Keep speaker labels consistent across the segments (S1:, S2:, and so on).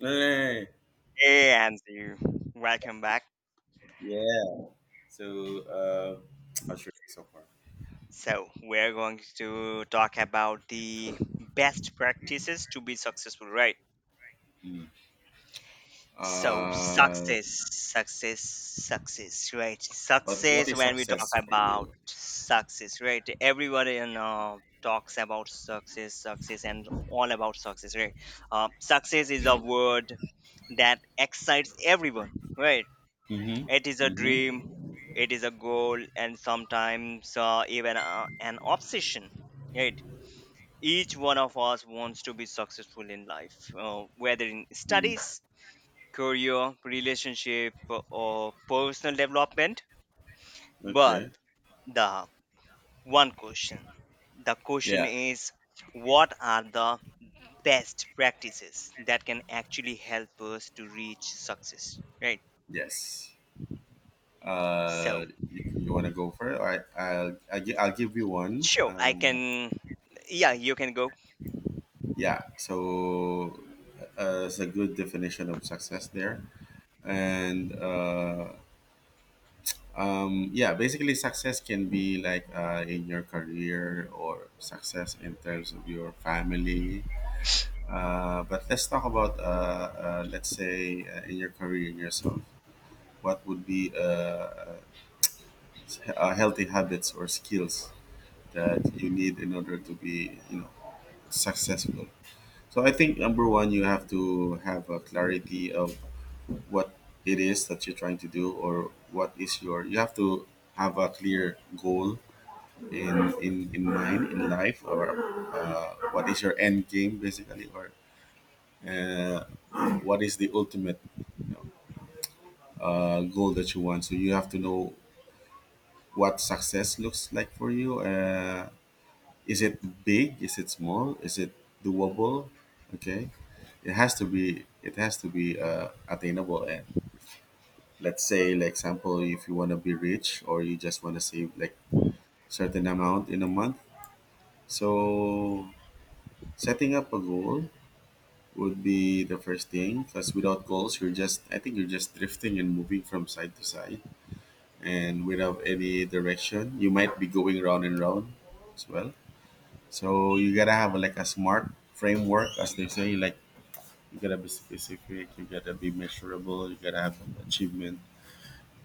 S1: Eh,
S2: Hey, welcome back.
S1: yeah. So, uh, how should we so far?
S2: So, we're going to talk about the best practices to be successful, right? So,
S1: Uh,
S2: success, success, success, right?
S1: but what
S2: Success,
S1: is
S2: when we talk
S1: success for
S2: about
S1: you?
S2: success, right? Everybody in talks about success, success, and all about success, right? Success is a word that excites everyone, right?
S1: Mm-hmm.
S2: It is a
S1: Mm-hmm.
S2: dream, it is a goal, and sometimes even an obsession. Right? Each one of us wants to be successful in life, whether in
S1: Mm.
S2: studies, career, relationship, or personal development. But
S1: Okay.
S2: the one question the question
S1: Yeah.
S2: is, what are the best practices that can actually help us to reach success? Right?
S1: Yes.
S2: So,
S1: Uh, you want to go for it? All right. I'll give you one.
S2: sure, I can. Yeah, you can go.
S1: Yeah. So, it's a good definition of success there. And, yeah Basically success can be like in your career or success in terms of your family, but let's talk about let's say in your career in yourself. What would be uh, healthy habits or skills that you need in order to be, you know, successful? So I think number one, you have to have a clarity of what it is that you're trying to do, or what is your. You have to have a clear goal in mind in life, or what is your end game basically, or uh, what is the ultimate, you know, goal that you want. So you have to know what success looks like for you. Uh, is it big, is it small, is it doable? Okay, it has to be, it has to be attainable. And let's say, like, example, if you want to be rich, or you just want to save like certain amount in a month. So setting up a goal would be the first thing, because without goals you're just, I think you're just drifting and moving from side to side, and without any direction, you might be going round and round as well. So you gotta have like a smart framework, as they say. Like, you gotta be specific, you gotta be measurable, you gotta have achievement,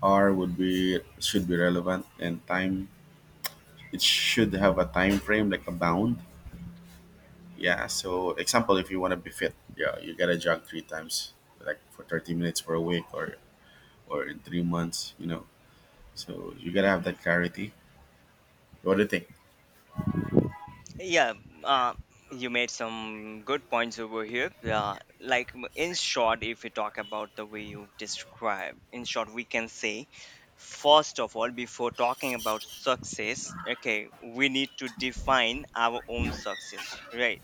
S1: R would be, should be relevant, and time, it should have a time frame, like a bound. Yeah, so example, if you want to be fit, yeah, you gotta jog three times, like for 30 minutes for a week, or in 3 months, you know. So you gotta have
S2: Mhm.
S1: that clarity. What do you think?
S2: Yeah, uh, you made some good points over here. Like, in short, if we talk about the way you describe, in short, we can say, first of all, before talking about success, okay, we need to define our own success, right?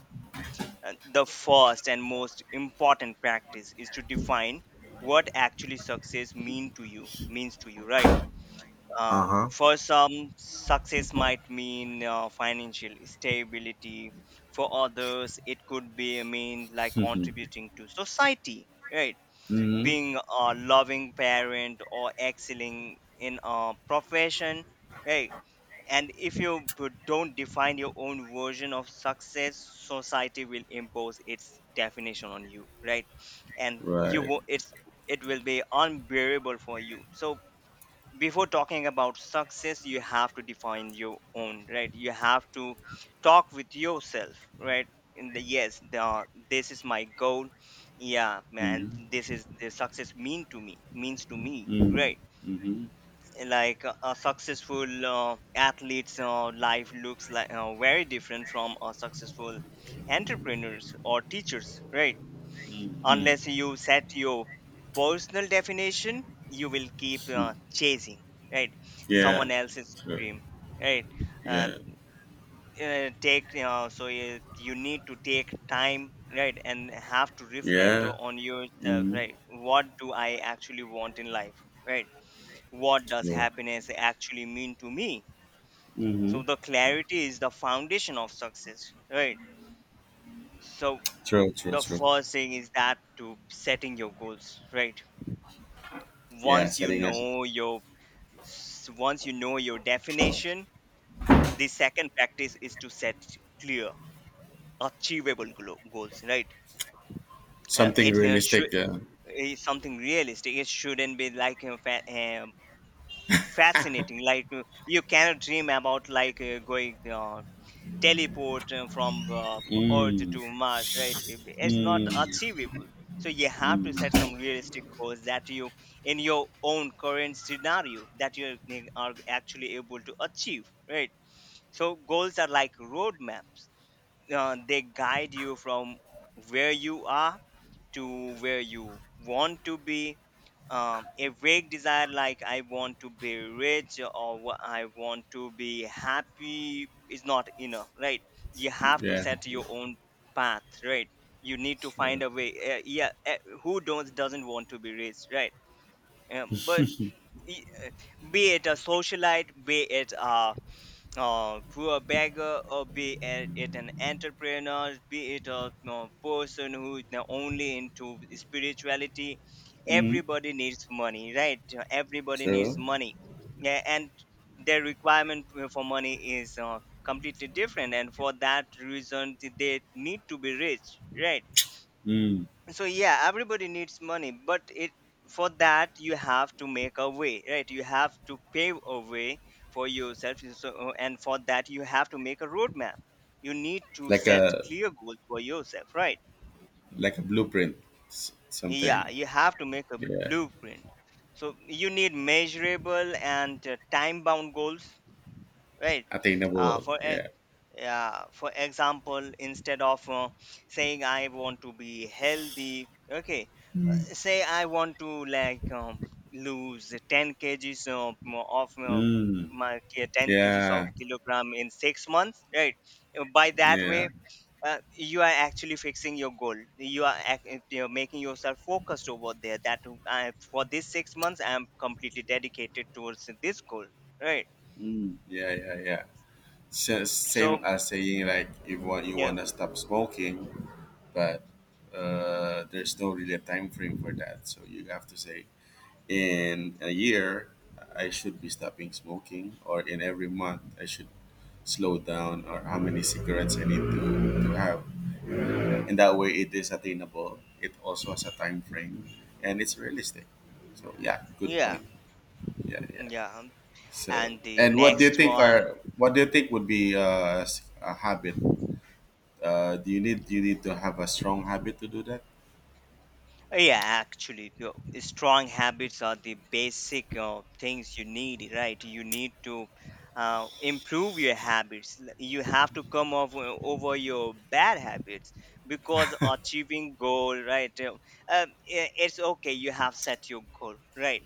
S2: The first and most important practice is to define what actually success means to you, right.
S1: Uh huh.
S2: For some, success might mean financial stability. For others, it could be a mean like contributing to society, right?
S1: Mm
S2: Being a loving parent or excelling in a profession, right? And if you don't define your own version of success, society will impose its definition on you, right? And
S1: hmm.
S2: you
S1: Right.
S2: wo- it's it will be unbearable for you. So before talking about success you have to define your own, right? You have to talk with yourself, right? in the yes the This is my goal, yeah man,
S1: Mm
S2: this is the success means to me,
S1: hmm.
S2: right.
S1: Mm
S2: Like a successful athlete's life looks like very different from a successful entrepreneurs or teachers, right.
S1: hmm.
S2: Unless you set your personal definition you will keep
S1: Hmm.
S2: chasing, right,
S1: Yeah.
S2: someone else's
S1: True.
S2: dream, right. uh,
S1: Yeah.
S2: so you need to take time, right, and have to reflect
S1: Yeah.
S2: on yourself,
S1: Mm hmm.
S2: right. What do I actually want in life, right? What does
S1: True.
S2: happiness actually mean to me?
S1: Mm hmm.
S2: So the clarity is the foundation of success, right? So
S1: True, true,
S2: the
S1: true.
S2: first thing is that to setting your goals, right.
S1: Yeah,
S2: once you
S1: setting us
S2: know your Once you know your definition, the second practice is to set clear achievable goals, right.
S1: something
S2: It should
S1: realistic. Yeah.
S2: is something realistic. It shouldn't be like fascinating, like you cannot dream about like going teleport from Earth
S1: Mm.
S2: to Mars, right? It's not
S1: Mm.
S2: achievable. So you have to set some
S1: Mm.
S2: realistic goals that you, in your own current scenario, that you are actually able to achieve, right? So goals are like roadmaps. They guide you from where you are to where you want to be. A vague desire like I want to be rich, or I want to be happy, is not enough, right. You have to
S1: Yeah.
S2: set your own path, right. You need to find
S1: True.
S2: a way. Yeah, who don't doesn't want to be rich, right? But i- be it a socialite, be it a to a beggar, or be a- it an entrepreneur, be it a, person who is now only into spirituality,
S1: Mm.
S2: everybody needs money, right? Everybody needs
S1: True.
S2: money, yeah, and their requirement for money is completely different, and for that reason, they need to be rich, right?
S1: Mm.
S2: So yeah, everybody needs money, but it for that you have to make a way, right. You have to pave a way for yourself. So, and for that you have to make a roadmap. You need to
S1: Like
S2: set
S1: a
S2: clear goals for yourself, right.
S1: like a blueprint, s- something.
S2: Yeah, you have to make a
S1: Yeah.
S2: blueprint. So you need measurable and time bound goals, right. uh,
S1: Attainable,
S2: for e-
S1: yeah.
S2: yeah, for example, instead of saying I want to be healthy, okay, say I want to, like, lose of uh,
S1: Mm.
S2: 10 kgs of
S1: Yeah.
S2: kilogram in 6 months, right? By that
S1: Yeah.
S2: way, you are actually fixing your goal. You're making yourself focused over there. That I, for this 6 months, I am completely dedicated towards this goal, right?
S1: Mm. Yeah. Yeah. Yeah. So, same
S2: So
S1: as saying like, if want you
S2: yeah,
S1: wanna stop smoking, but there's no really a time frame for that. So you have to say, in a year I should be stopping smoking, or in every month I should slow down, or how many cigarettes I need to have. And that way it is attainable. It also has a time frame, and it's realistic. So yeah, good
S2: yeah,
S1: point. Yeah. Yeah.
S2: yeah.
S1: So,
S2: And the
S1: and what do you
S2: next
S1: think
S2: one.
S1: are, what do you think would be a habit? Do you need to have a strong habit to do that?
S2: Oh, yeah, actually, strong habits are the basic things you need, right? You need to improve your habits. You have to come over your bad habits, because achieving goal, right? It's okay. You have set your goal, right?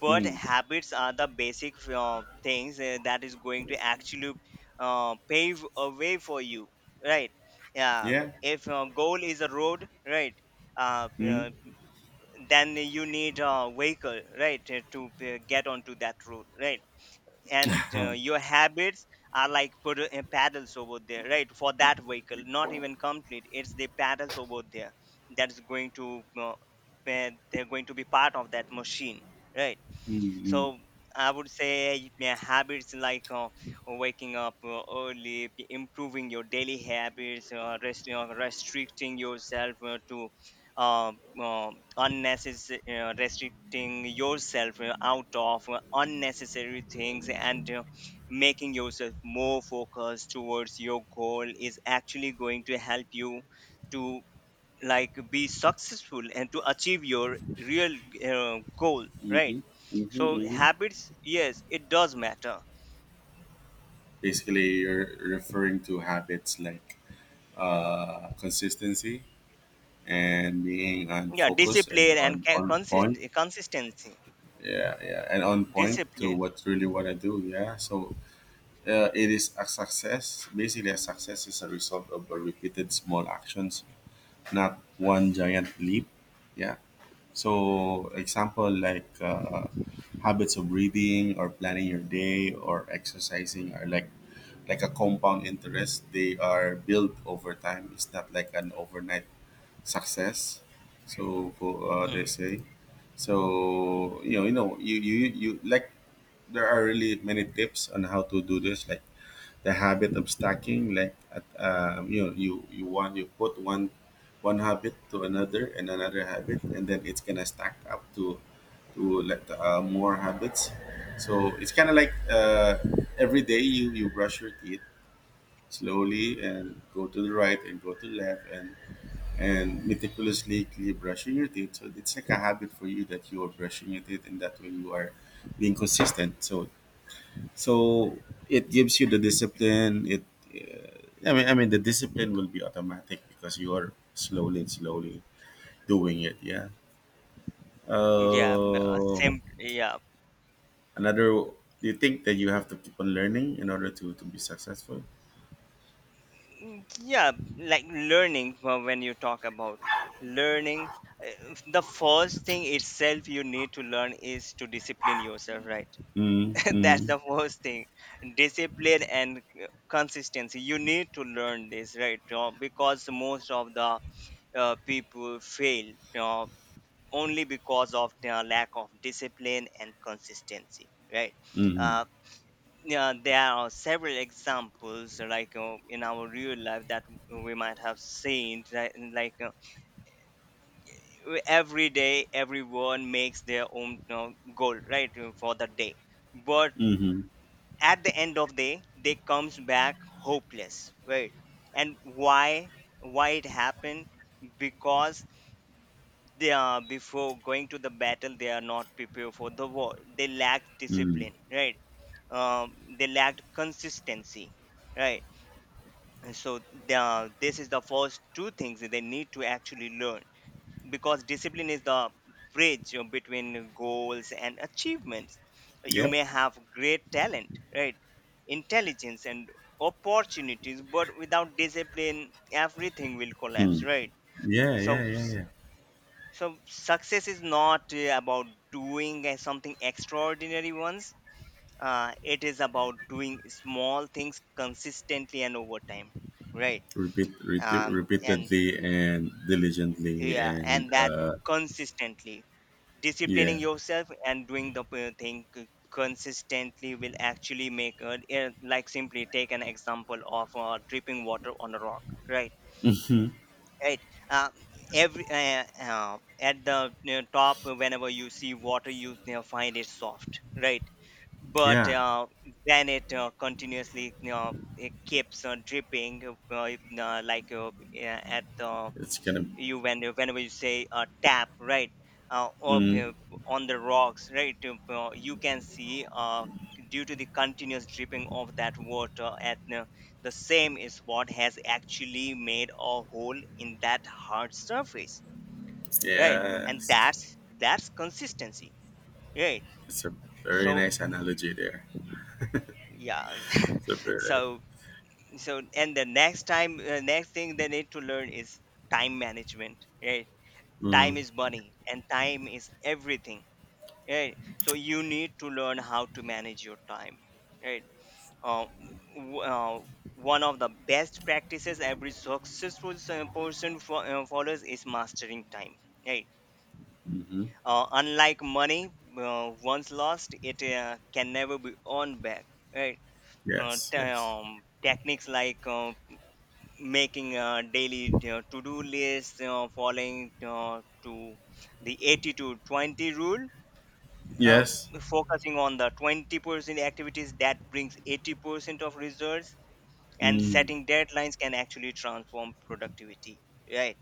S2: But
S1: Mm.
S2: habits are the basic things that is going to actually pave a way for you, right? Yeah.
S1: Yeah.
S2: If goal is a road, right? uh,
S1: Mm.
S2: uh, then you need a vehicle, right, to get onto that road, right, and your habits are like paddles over there, right, for that vehicle. Not even complete, it's the paddles over there that's going to they're going to be part of that machine, right.
S1: Mm-hmm.
S2: So I would say my habits like waking up early, improving your daily habits, uh, uh, restricting yourself out of unnecessary things, and making yourself more focused towards your goal is actually going to help you to, like, be successful and to achieve your real goal, right?
S1: Mm-hmm.
S2: So
S1: Mm-hmm.
S2: habits, yes, it does matter.
S1: Basically, you're referring to habits like consistency and being on
S2: Yeah,
S1: focus and
S2: discipline and
S1: on on point.
S2: consistency.
S1: Yeah, yeah, and on point to
S2: Discipline.
S1: what really want to do. Yeah, so it is a success. Basically, a success is a result of a repeated small actions, not one giant leap. Yeah. So, example like habits of breathing or planning your day or exercising are like a compound interest. They are built over time. It's not like an overnight success. So they
S2: Mm.
S1: say. So you know, you know, you like, there are really many tips on how to do this, like the habit of stacking, like at, you know, you want, you put one habit to another and another habit, and then it's gonna stack up to like more habits. So it's kind of like, every day you brush your teeth slowly and go to the right and go to the left, and meticulously clean brushing your teeth, so it's like a habit for you that you are brushing your teeth, and that way you are being consistent. So so it gives you the discipline. It uh, i mean i mean the discipline will be automatic, because you are slowly and slowly doing it, yeah.
S2: Yeah,
S1: uh,
S2: yeah.
S1: Another, do you think that you have to keep on learning in order to be successful?
S2: Mm, yeah. Like learning. When you talk about learning, the first thing itself you need to learn is to discipline yourself. Right.
S1: Mm
S2: That's the
S1: mm
S2: first thing. Discipline and consistency. You need to learn this, right? Because most of the people fail. Uh, Only because of their lack of discipline and consistency, right.
S1: mm
S2: uh, yeah, there are several examples like in our real life that we might have seen, right? Like, every day everyone makes their own goal, right, for the day. But
S1: mm
S2: at the end of the day they comes back hopeless, right? And why it happened? Because they are before going to the battle they are not prepared for the war. They lacked
S1: mm.
S2: discipline, right. um, they lacked consistency, right. And so this is the first two things that they need to actually learn, because discipline is the bridge you between goals and achievements. You
S1: Yep.
S2: may have great talent, right, intelligence and opportunities, but without discipline everything will collapse,
S1: Hmm.
S2: right.
S1: Yeah yeah
S2: so
S1: yeah yeah.
S2: so success is not about doing something extraordinary once. It is about doing small things consistently and over time, right.
S1: Repeat
S2: And
S1: repeatedly and diligently,
S2: Yeah,
S1: and
S2: and that
S1: uh,
S2: consistently
S1: yeah.
S2: disciplining yourself and doing the thing consistently will actually like simply take an example of dripping water on a rock, right. Right. uh, every At the, top, whenever you see water you, find it soft, right, but
S1: Yeah,
S2: then it continuously, it keeps dripping, like, yeah, at the
S1: it's gonna
S2: you when you whenever you say a tap, right, up
S1: mm,
S2: on the rocks, right. You can see, due to the continuous dripping of that water, at the same is what has actually made a hole in that hard surface, right, and
S1: yes.
S2: that's consistency, right.
S1: It's a very
S2: So
S1: nice analogy there.
S2: yeah.
S1: It's a very nice.
S2: so so, and the next time next thing they need to learn is time management, right. Time
S1: Mm,
S2: is money and time is everything, right. So you need to learn how to manage your time, right. uh, w- uh, One of the best practices every successful person follows is mastering time, right. Unlike money, once lost it can never be earned back, right.
S1: yes, yes,
S2: Techniques like making a daily to-do list, following, to the 80 to 20 rule, uh,
S1: yes.
S2: focusing on the 20% activities that brings 80% of results, and
S1: Mm,
S2: setting deadlines can actually transform productivity, right.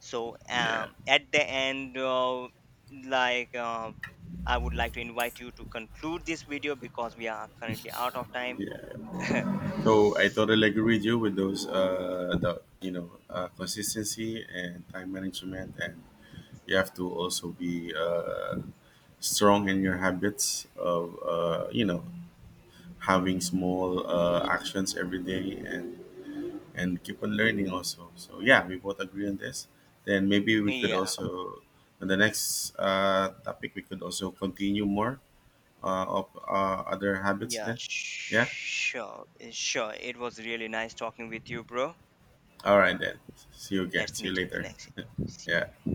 S2: So
S1: yeah,
S2: at the end, like, I would like to invite you to conclude this video because we are currently out of time.
S1: yeah. So I totally agree with you with those, the, you know, consistency and time management, and you have to also be strong in your habits of, you know, having small actions every day, and keep on learning also. So yeah, we both agree on this. Then maybe we could
S2: Yeah.
S1: also, on the next topic, we could also continue more of other habits
S2: Yeah,
S1: then. Yeah.
S2: sure. Sure, it was really nice talking with you, bro.
S1: All right then. See you again.
S2: Let's
S1: See you
S2: meet in the
S1: later.
S2: next. See
S1: yeah.
S2: you.